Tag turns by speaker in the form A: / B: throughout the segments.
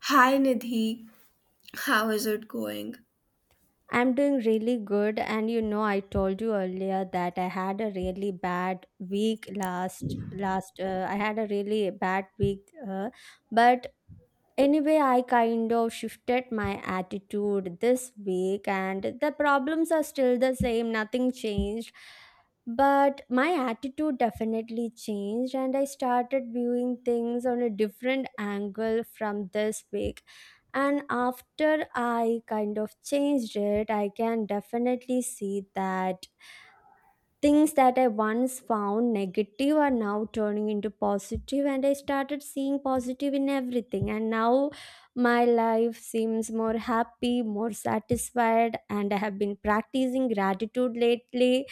A: Hi Nidhi, how is it going?
B: I'm doing really good, and you know, I told you earlier that I had a really bad week last. I had a really bad week, but anyway, I kind of shifted my attitude this week, and the problems are still the same, nothing changed. But my attitude definitely changed, and I started viewing things on a different angle from this week. And after I kind of changed it, I can definitely see that things that I once found negative are now turning into positive, and I started seeing positive in everything. And now my life seems more happy, more satisfied, and I have been practicing gratitude lately.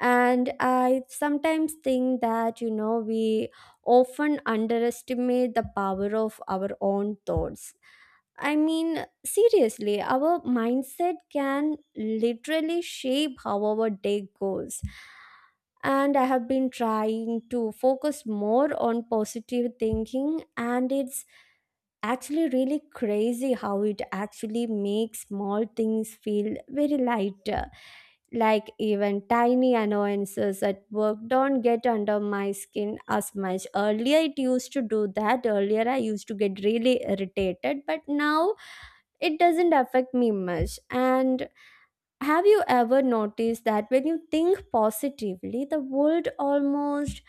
B: And I sometimes think that, you know, we often underestimate the power of our own thoughts. I mean, seriously, our mindset can literally shape how our day goes, and I have been trying to focus more on positive thinking, and it's actually really crazy how it actually makes small things feel very lighter. Like even tiny annoyances at work don't get under my skin as much. Earlier it used to do that, earlier I used to get really irritated, but now it doesn't affect me much. And have you ever noticed that when you think positively, the world almost,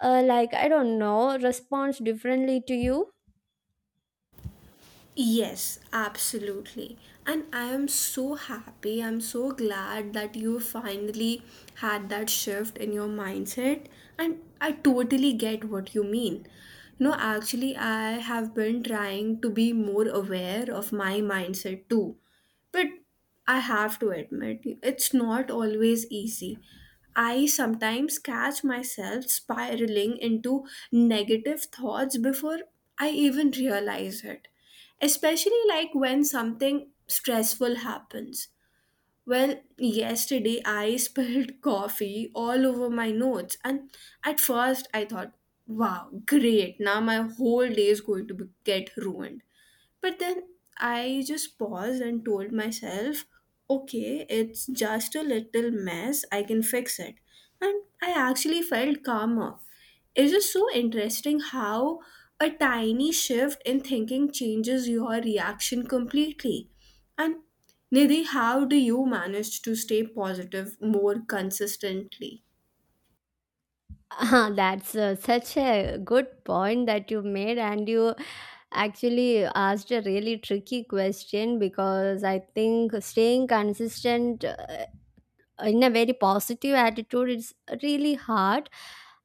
B: like, I don't know, responds differently to you?
A: Yes, absolutely. And I am so happy. I'm so glad that you finally had that shift in your mindset. And I totally get what you mean. You know, actually, I have been trying to be more aware of my mindset too. But I have to admit, it's not always easy. I sometimes catch myself spiraling into negative thoughts before I even realize it. Especially like when something stressful happens. Well, yesterday I spilled coffee all over my notes, and at first I thought, wow, great, now my whole day is going to be, get ruined. But then I just paused and told myself, okay, it's just a little mess, I can fix it. And I actually felt calmer. It's just so interesting how a tiny shift in thinking changes your reaction completely. And Nidhi, how do you manage to stay positive more consistently?
B: Ah, that's such a good point that you made, and you actually asked a really tricky question, because I think staying consistent in a very positive attitude, it's really hard.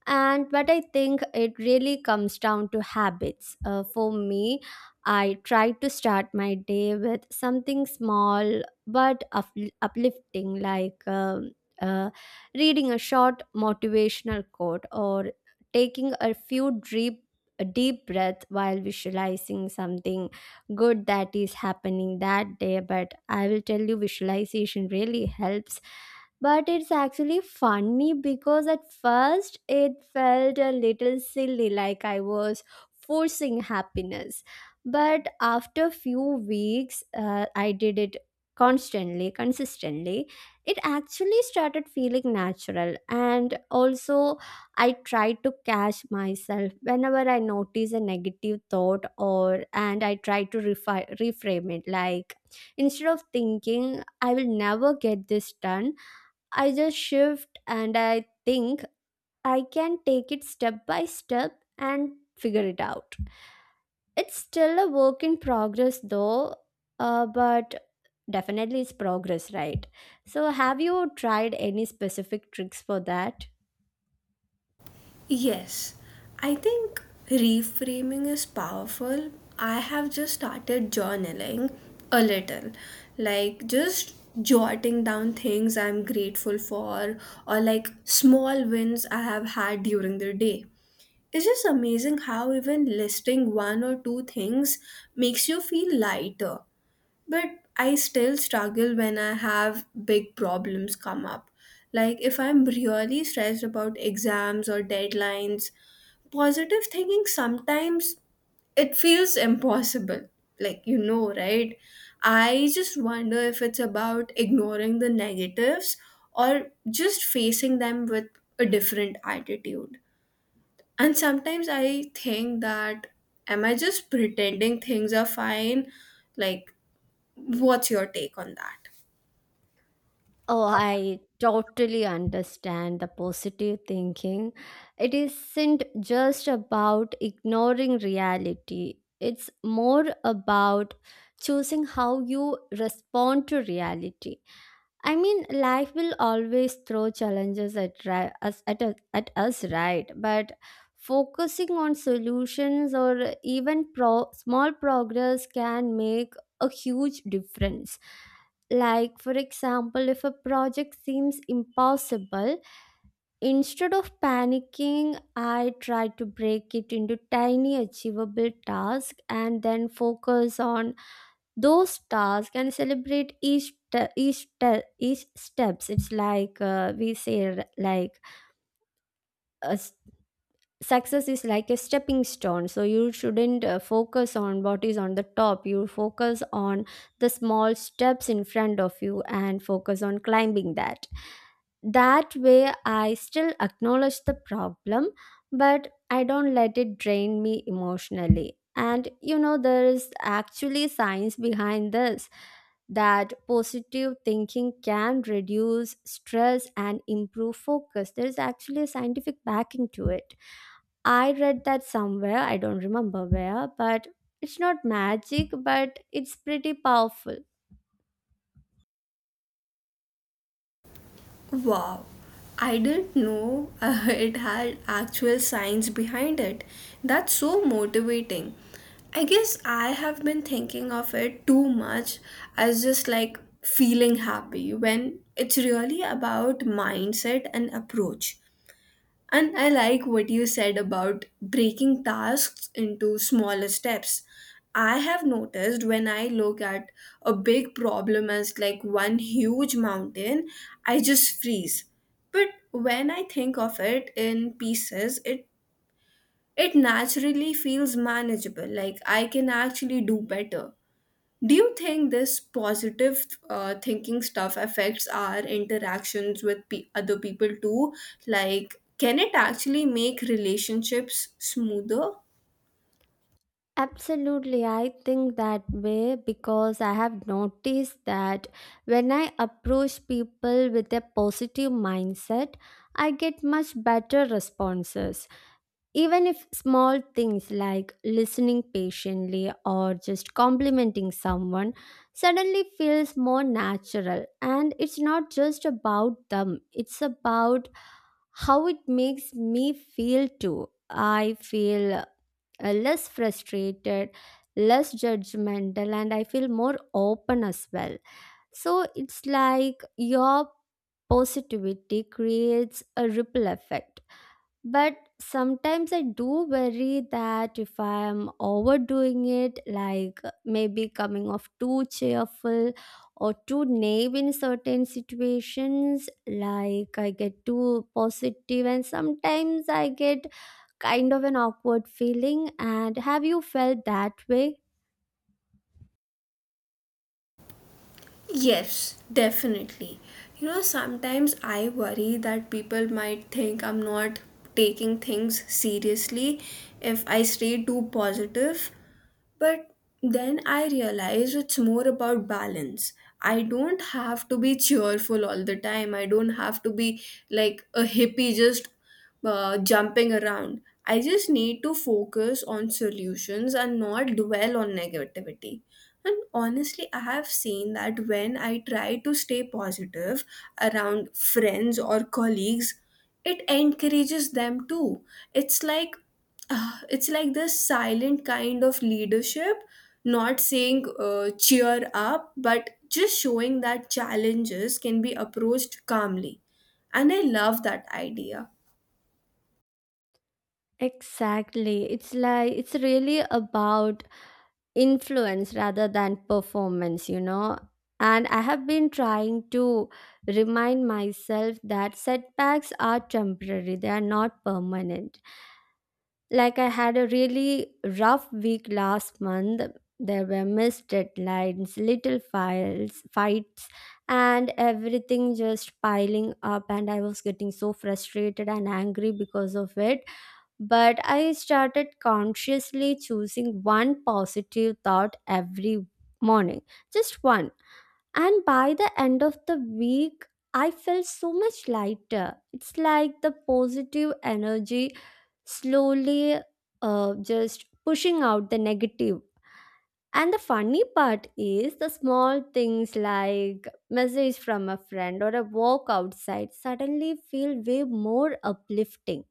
B: And but I think it really comes down to habits. For me, I try to start my day with something small but uplifting, like uh, reading a short motivational quote or taking a few deep breath while visualizing something good that is happening that day. But I will tell you, visualization really helps. But it's actually funny, because at first it felt a little silly, like I was forcing happiness. But after few weeks, I did it consistently, it actually started feeling natural. And also I try to catch myself whenever I notice a negative thought, or and I try to reframe it. Like instead of thinking I will never get this done, I just shift and I think I can take it step by step and figure it out. It's still a work in progress though, but definitely it's progress, right? So, have you tried any specific tricks for that?
A: Yes, I think reframing is powerful. I have just started journaling a little, like just jotting down things I'm grateful for or like small wins I have had during the day. It's just amazing how even listing one or two things makes you feel lighter. But I still struggle when I have big problems come up. Like if I'm really stressed about exams or deadlines, positive thinking sometimes it feels impossible, like, you know, right? I just wonder if it's about ignoring the negatives or just facing them with a different attitude. And sometimes I think that, am I just pretending things are fine? Like, what's your take on that?
B: Oh, I totally understand the positive thinking. It isn't just about ignoring reality, it's more about choosing how you respond to reality. I mean, life will always throw challenges at ri- us, at us, at us, right? But focusing on solutions or even small progress can make a huge difference. Like, for example, if a project seems impossible, instead of panicking, I try to break it into tiny, achievable tasks and then focus on those stars, can celebrate each steps. It's like, we say like a s- success is like a stepping stone, so you shouldn't focus on what is on the top, you focus on the small steps in front of you and focus on climbing that. That way I still acknowledge the problem, but I don't let it drain me emotionally. And you know, there is actually science behind this, that positive thinking can reduce stress and improve focus. There is actually a scientific backing to it. I read that somewhere, I don't remember where, but it's not magic, but it's pretty powerful.
A: Wow, I didn't know it had actual science behind it. That's so motivating. I guess I have been thinking of it too much as just like feeling happy when it's really about mindset and approach. And I like what you said about breaking tasks into smaller steps. I have noticed when I look at a big problem as like one huge mountain, I just freeze. But when I think of it in pieces, it naturally feels manageable, like I can actually do better. Do you think this positive thinking stuff affects our interactions with other people too? Like, can it actually make relationships smoother?
B: Absolutely, I think that way, because I have noticed that when I approach people with a positive mindset, I get much better responses. Even if small things like listening patiently or just complimenting someone suddenly feels more natural. And it's not just about them, it's about how it makes me feel too. I feel less frustrated, less judgmental, and I feel more open as well. So it's like your positivity creates a ripple effect. But sometimes I do worry that if I am overdoing it, like maybe coming off too cheerful or too naive in certain situations, like I get too positive and sometimes I get kind of an awkward feeling. And have you felt that way?
A: Yes, definitely. You know, sometimes I worry that people might think I'm not taking things seriously if I stay too positive. But then I realize it's more about balance. I don't have to be cheerful all the time. I don't have to be like a hippie just jumping around. I just need to focus on solutions and not dwell on negativity. And honestly, I have seen that when I try to stay positive around friends or colleagues, it encourages them too. It's like it's like this silent kind of leadership, not saying cheer up, but just showing that challenges can be approached calmly. And I love that idea.
B: Exactly. It's like it's really about influence rather than performance, you know. And I have been trying to remind myself that setbacks are temporary, they are not permanent. Like, I had a really rough week last month. There were missed deadlines, little files, fights, and everything just piling up. And I was getting so frustrated and angry because of it, but I started consciously choosing one positive thought every morning, just one. And by the end of the week, I felt so much lighter. It's like the positive energy slowly just pushing out the negative. And the funny part is the small things like message from a friend or a walk outside suddenly feel way more uplifting.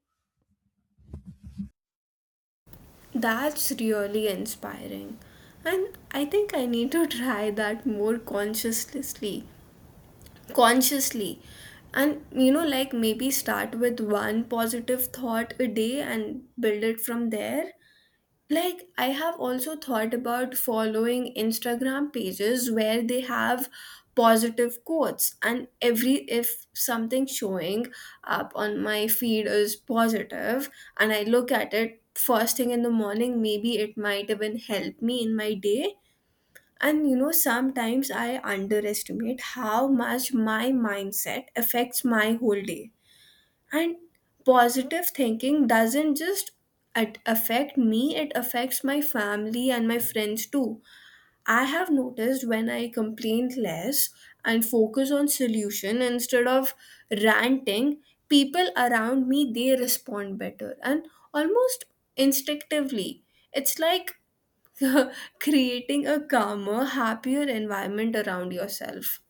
A: That's really inspiring. And I think I need to try that more consciously. And you know, like maybe start with one positive thought a day and build it from there. Like I have also thought about following Instagram pages where they have positive quotes, and every, if something showing up on my feed is positive and I look at it first thing in the morning, maybe it might even help me in my day. And you know, sometimes I underestimate how much my mindset affects my whole day. And positive thinking doesn't just affect me, it affects my family and my friends too. I have noticed when I complain less and focus on solution instead of ranting, people around me, they respond better and almost instinctively. It's like creating a calmer, happier environment around yourself.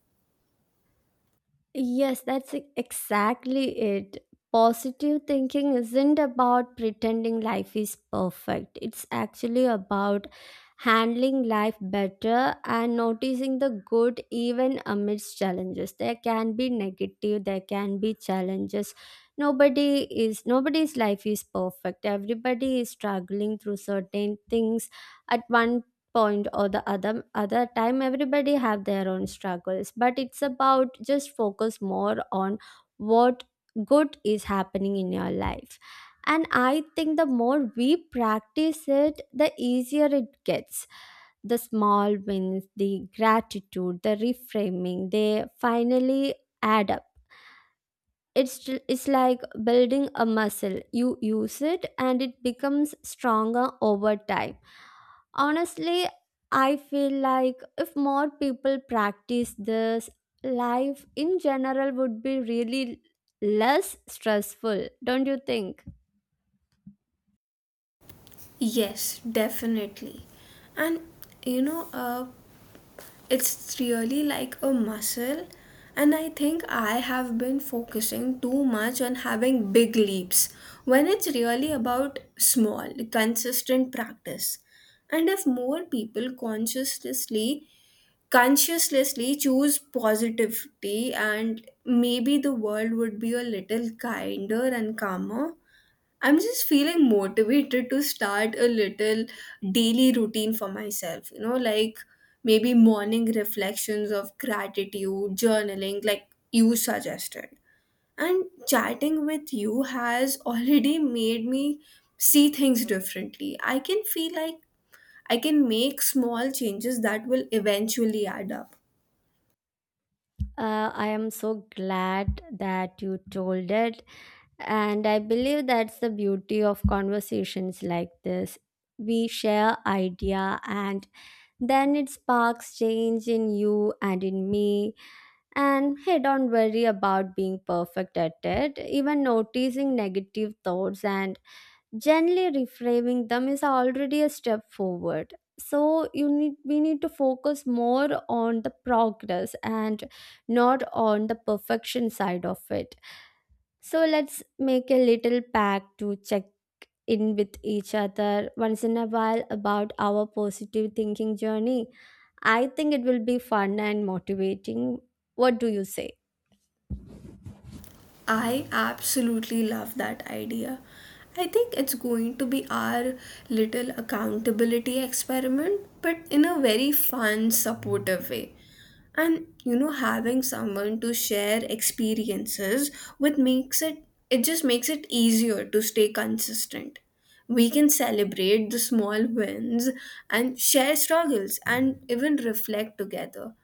B: Yes, that's exactly it. Positive thinking isn't about pretending life is perfect. It's actually about handling life better and noticing the good even amidst challenges. There can be negative, there can be challenges. Nobody's life is perfect. Everybody is struggling through certain things at one point or the other other time. Everybody have their own struggles, but it's about just focus more on what good is happening in your life. And I think the more we practice it, the easier it gets. The small wins, the gratitude, the reframing, they finally add up. It's like building a muscle, you use it and it becomes stronger over time. Honestly, I feel like if more people practice this, life in general would be really less stressful, don't you think?
A: Yes, definitely. And you know, it's really like a muscle. And I think I have been focusing too much on having big leaps when it's really about small, consistent practice. And if more people consciously choose positivity, and maybe the world would be a little kinder and calmer. I'm just feeling motivated to start a little daily routine for myself, you know, like maybe morning reflections of gratitude journaling like you suggested. And chatting with you has already made me see things differently. I can feel like I can make small changes that will eventually add up.
B: I am so glad that you told it, and I believe that's the beauty of conversations like this. We share idea and then it sparks change in you and in me. And hey, don't worry about being perfect at it. Even noticing negative thoughts and gently reframing them is already a step forward. So you need we need to focus more on the progress and not on the perfection side of it. So let's make a little pact to check in with each other once in a while about our positive thinking journey. I think it will be fun and motivating. What do you say?
A: I absolutely love that idea. I think it's going to be our little accountability experiment, but in a very fun, supportive way. And you know, having someone to share experiences with makes it just makes it easier to stay consistent. We can celebrate the small wins and share struggles and even reflect together.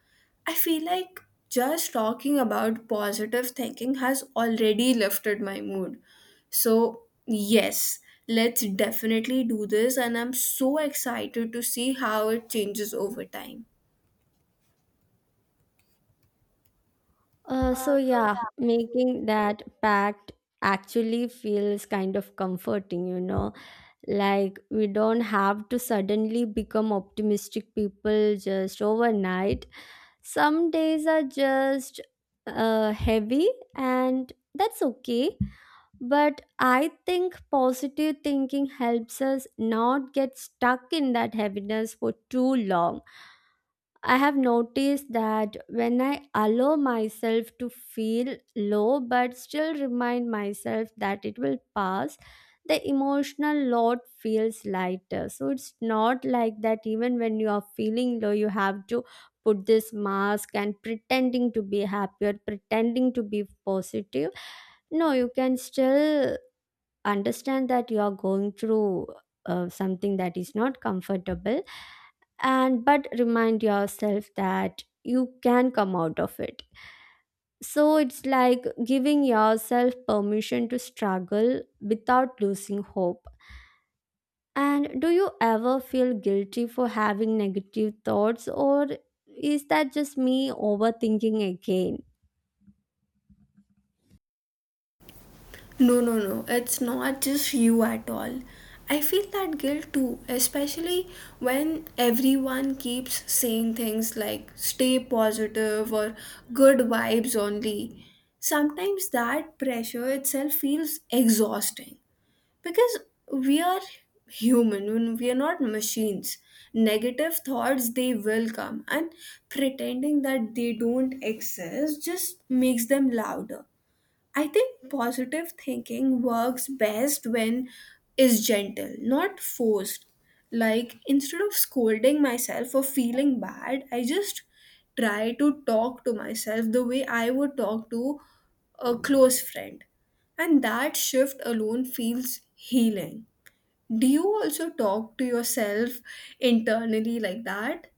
A: I feel like just talking about positive thinking has already lifted my mood. So, yes, let's definitely do this, and I'm so excited to see how it changes over time.
B: So yeah, making that pact actually feels kind of comforting, you know. Like we don't have to suddenly become optimistic people just overnight. Some days are just heavy, and that's okay. But I think positive thinking helps us not get stuck in that heaviness for too long. I have noticed that when I allow myself to feel low but still remind myself that it will pass, the emotional load feels lighter. So it's not like that even when you are feeling low, you have to put this mask and pretending to be happy or pretending to be positive. No, you can still understand that you are going through something that is not comfortable, and but remind yourself that you can come out of it. So it's like giving yourself permission to struggle without losing hope. And do you ever feel guilty for having negative thoughts, or is that just me overthinking again?
A: No, no, no, it's not just you at all. I feel that guilt too, especially when everyone keeps saying things like stay positive or good vibes only. Sometimes that pressure itself feels exhausting. Because we are human, when we are not machines, negative thoughts, they will come. And pretending that they don't exist just makes them louder. I think positive thinking works best when is gentle, not forced. Like instead of scolding myself for feeling bad, I just try to talk to myself the way I would talk to a close friend. And that shift alone feels healing. Do you also talk to yourself internally like that?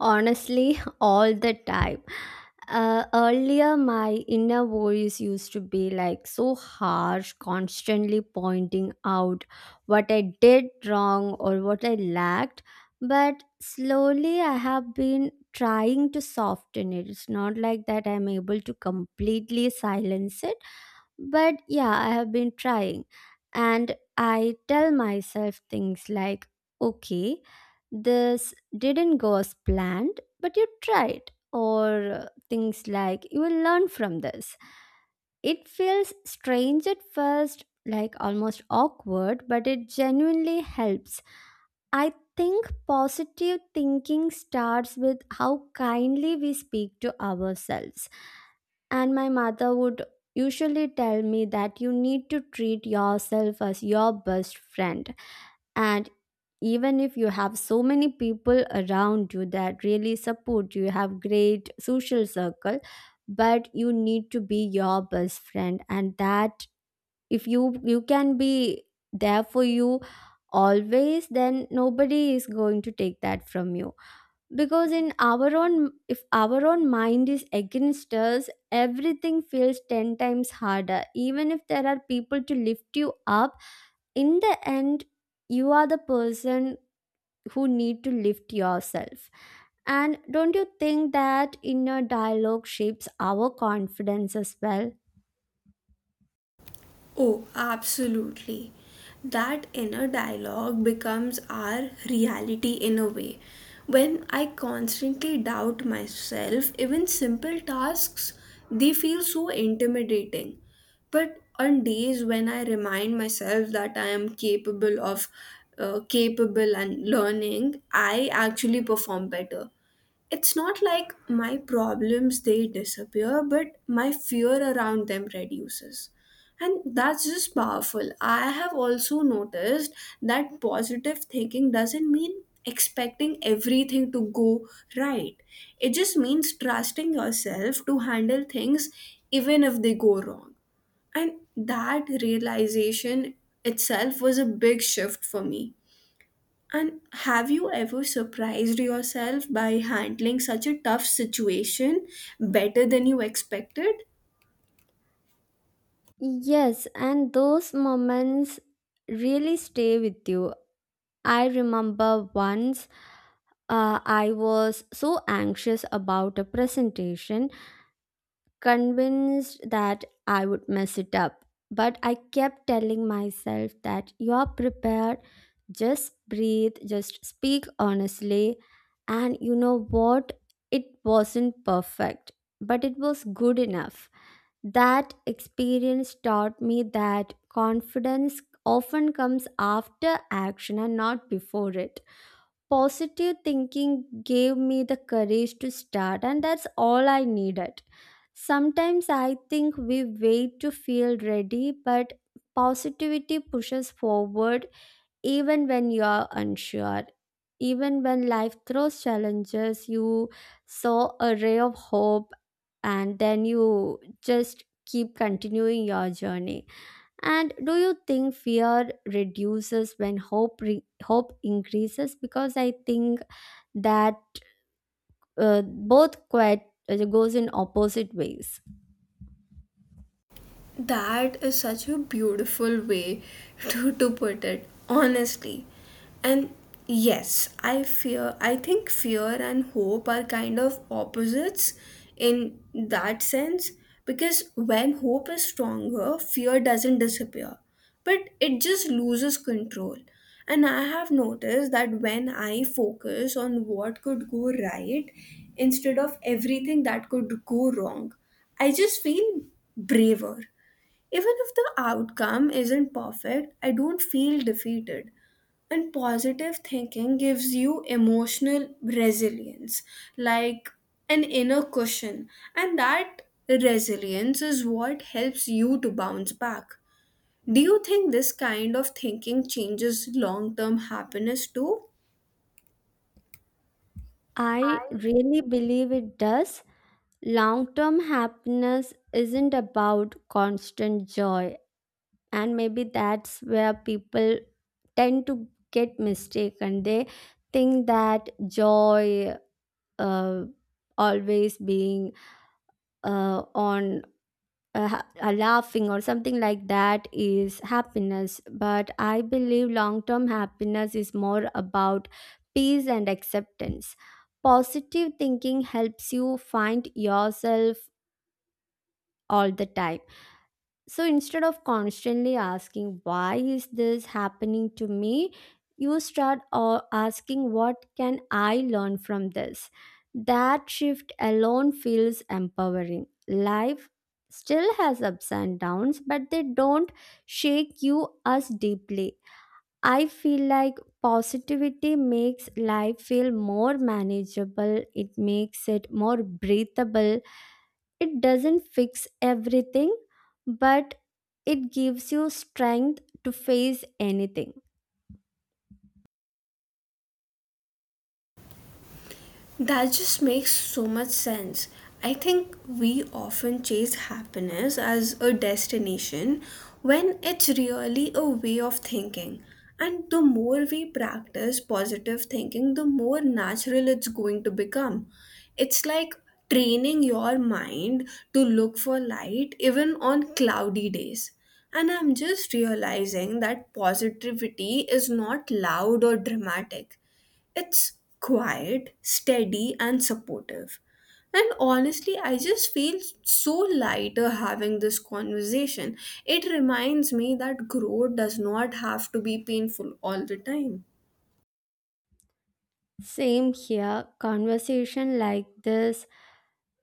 B: Honestly, all the time. Earlier, my inner voice used to be like so harsh, constantly pointing out what I did wrong or what I lacked. But slowly, I have been trying to soften it. It's not like that I'm able to completely silence it, but yeah, I have been trying. And I tell myself things like, okay, this didn't go as planned, but you tried. Or things like, you will learn from this. It feels strange at first, like almost awkward, but it genuinely helps. I think positive thinking starts with how kindly we speak to ourselves. And my mother would usually tell me that you need to treat yourself as your best friend. And even if you have so many people around you that really support you, you have great social circle, but you need to be your best friend. And that if you can be there for you always, then nobody is going to take that from you, because in our own, if our own mind is against us, everything feels 10 times harder, even if there are people to lift you up. In the end, you are the person who need to lift yourself. And don't you think that inner dialogue shapes our confidence as well?
A: Oh, absolutely. That inner dialogue becomes our reality in a way. When I constantly doubt myself, even simple tasks, they feel so intimidating. But on days when I remind myself that I am capable of capable and learning, I actually perform better. It's not like my problems, they disappear, but my fear around them reduces. And that's just powerful. I have also noticed that positive thinking doesn't mean expecting everything to go right. It just means trusting yourself to handle things even if they go wrong. And that realization itself was a big shift for me. And have you ever surprised yourself by handling such a tough situation better than you expected?
B: Yes, and those moments really stay with you. I remember once I was so anxious about a presentation, convinced that I would mess it up. But I kept telling myself that you are prepared, just breathe, just speak honestly. And you know what? It wasn't perfect, but it was good enough. That experience taught me that confidence often comes after action and not before it. Positive thinking gave me the courage to start, and that's all I needed. Sometimes I think we wait to feel ready, but positivity pushes forward even when you are unsure. Even when life throws challenges, you saw a ray of hope and then you just keep continuing your journey. And do you think fear reduces when hope increases? Because I think that both quite goes in opposite ways.
A: That is such a beautiful way to put it, honestly. And yes, I fear, I think fear and hope are kind of opposites in that sense, because when hope is stronger, fear doesn't disappear, but it just loses control. And I have noticed that when I focus on what could go right instead of everything that could go wrong, I just feel braver. Even if the outcome isn't perfect, I don't feel defeated. And positive thinking gives you emotional resilience, like an inner cushion. And that resilience is what helps you to bounce back. Do you think this kind of thinking changes long term happiness too?
B: I really believe it does. Long term happiness isn't about constant joy, and maybe that's where people tend to get mistaken. They think that joy, uh, always being on, laughing or something like that is happiness, but I believe long term happiness is more about peace and acceptance. Positive thinking helps you find yourself all the time. So instead of constantly asking, why is this happening to me? You start asking, what can I learn from this? That shift alone feels empowering. Life still has ups and downs, but they don't shake you as deeply. I feel like positivity makes life feel more manageable, it makes it more breathable, it doesn't fix everything, but it gives you strength to face anything.
A: That just makes so much sense. I think we often chase happiness as a destination when it's really a way of thinking. And the more we practice positive thinking, the more natural it's going to become. It's like training your mind to look for light even on cloudy days. And I'm just realizing that positivity is not loud or dramatic. It's quiet, steady, and supportive. And honestly, I just feel so lighter having this conversation. It reminds me that growth does not have to be painful all the time.
B: Same here, conversation like this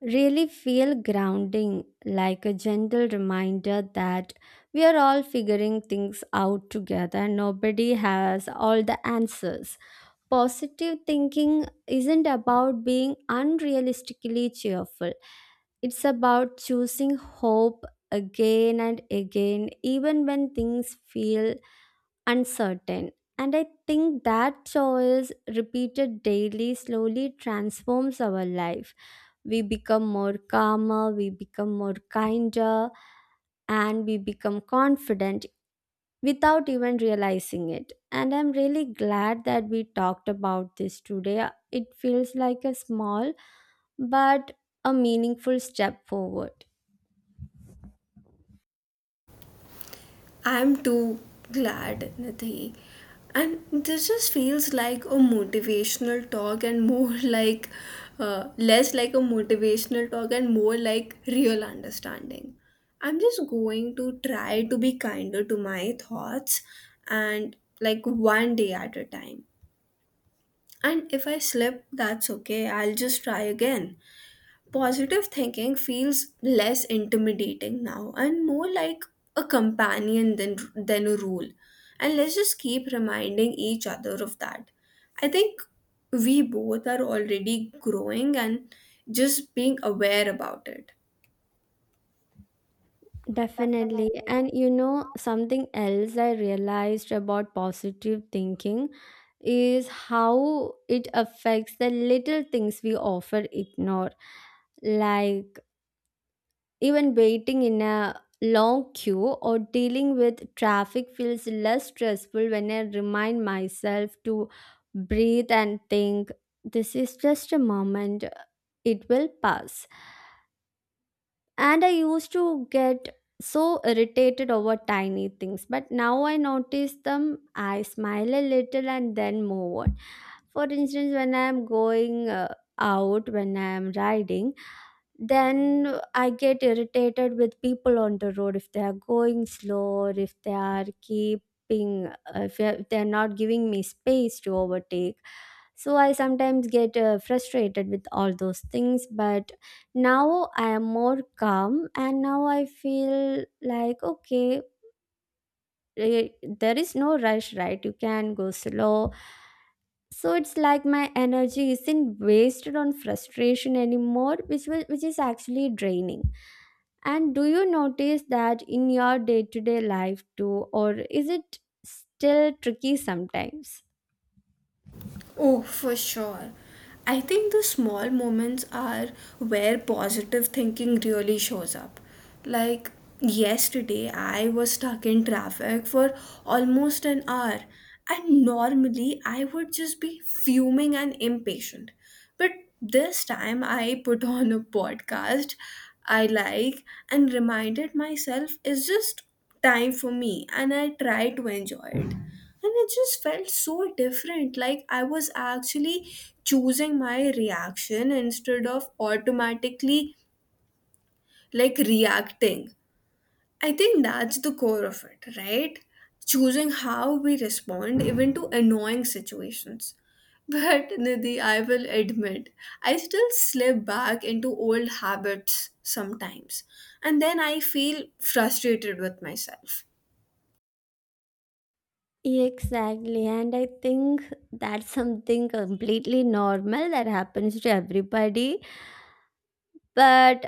B: really feel grounding, like a gentle reminder that we are all figuring things out together. Nobody has all the answers. Positive thinking isn't about being unrealistically cheerful. It's about choosing hope again and again, even when things feel uncertain. And I think that choice, repeated daily, slowly transforms our life. We become more calmer, we become more kinder, and we become confident without even realizing it. And I'm really glad that we talked about this today. It feels like a small but a meaningful step forward.
A: I'm too glad, Nidhi. And this just feels like a motivational talk and more like, less like a motivational talk and more like real understanding. I'm just going to try to be kinder to my thoughts and like one day at a time. And if I slip, that's okay. I'll just try again. Positive thinking feels less intimidating now and more like a companion than a rule. And let's just keep reminding each other of that. I think we both are already growing and just being aware about it.
B: Definitely. And you know, something else I realized about positive thinking is how it affects the little things we often ignore, like even waiting in a long queue or dealing with traffic feels less stressful when I remind myself to breathe and think, this is just a moment, it will pass. And I used to get so irritated over tiny things, but now I notice them, I smile a little and then move on. For instance, when I'm going out, when I'm riding, then I get irritated with people on the road if they are going slow or if they are keeping if they're not giving me space to overtake. So I sometimes get frustrated with all those things, but now I am more calm and now I feel like, okay, eh, there is no rush, right? You can go slow. So it's like my energy isn't wasted on frustration anymore, which is actually draining. And do you notice that in your day-to-day life too, or is it still tricky sometimes?
A: Oh, for sure. I think the small moments are where positive thinking really shows up. Like yesterday, I was stuck in traffic for almost an hour, and normally I would just be fuming and impatient. But this time, I put on a podcast I like and reminded myself it's just time for me, and I try to enjoy it. And it just felt so different, like I was actually choosing my reaction instead of automatically like reacting. I think that's the core of it, right? Choosing how we respond even to annoying situations. But Nidhi, I will admit I still slip back into old habits sometimes, and then I feel frustrated with myself.
B: Exactly, and I think that's something completely normal that happens to everybody. But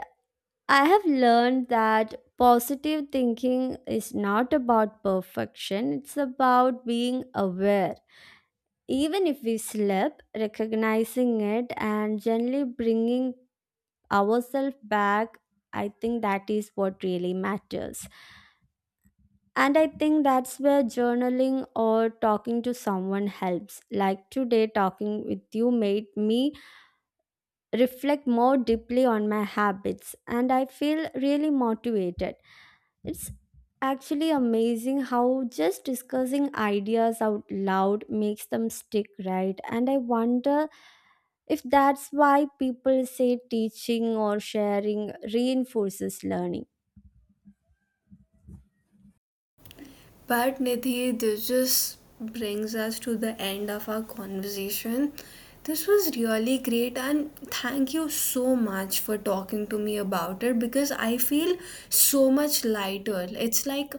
B: I have learned that positive thinking is not about perfection, it's about being aware. Even if we slip, recognizing it and gently bringing ourselves back, I think that is what really matters. And I think that's where journaling or talking to someone helps. Like today, talking with you made me reflect more deeply on my habits, and I feel really motivated. It's actually amazing how just discussing ideas out loud makes them stick, right? And I wonder if that's why people say teaching or sharing reinforces learning.
A: But Nidhi, this just brings us to the end of our conversation. This was really great, and thank you so much for talking to me about it, because I feel so much lighter. It's like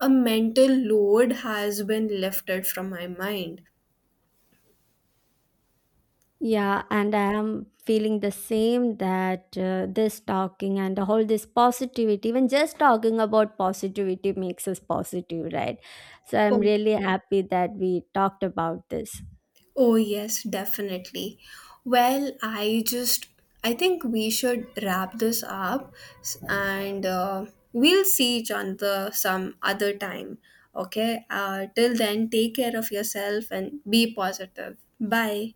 A: a mental load has been lifted from my mind.
B: Yeah, and I am feeling the same that this talking and all this positivity, even just talking about positivity makes us positive, right? So I'm
A: Oh,
B: really, yeah, happy that we talked about this.
A: oh, yes, definitely. Well, I just, I think we should wrap this up and we'll see each other some other time. Okay? Till then, take care of yourself and be positive. Bye.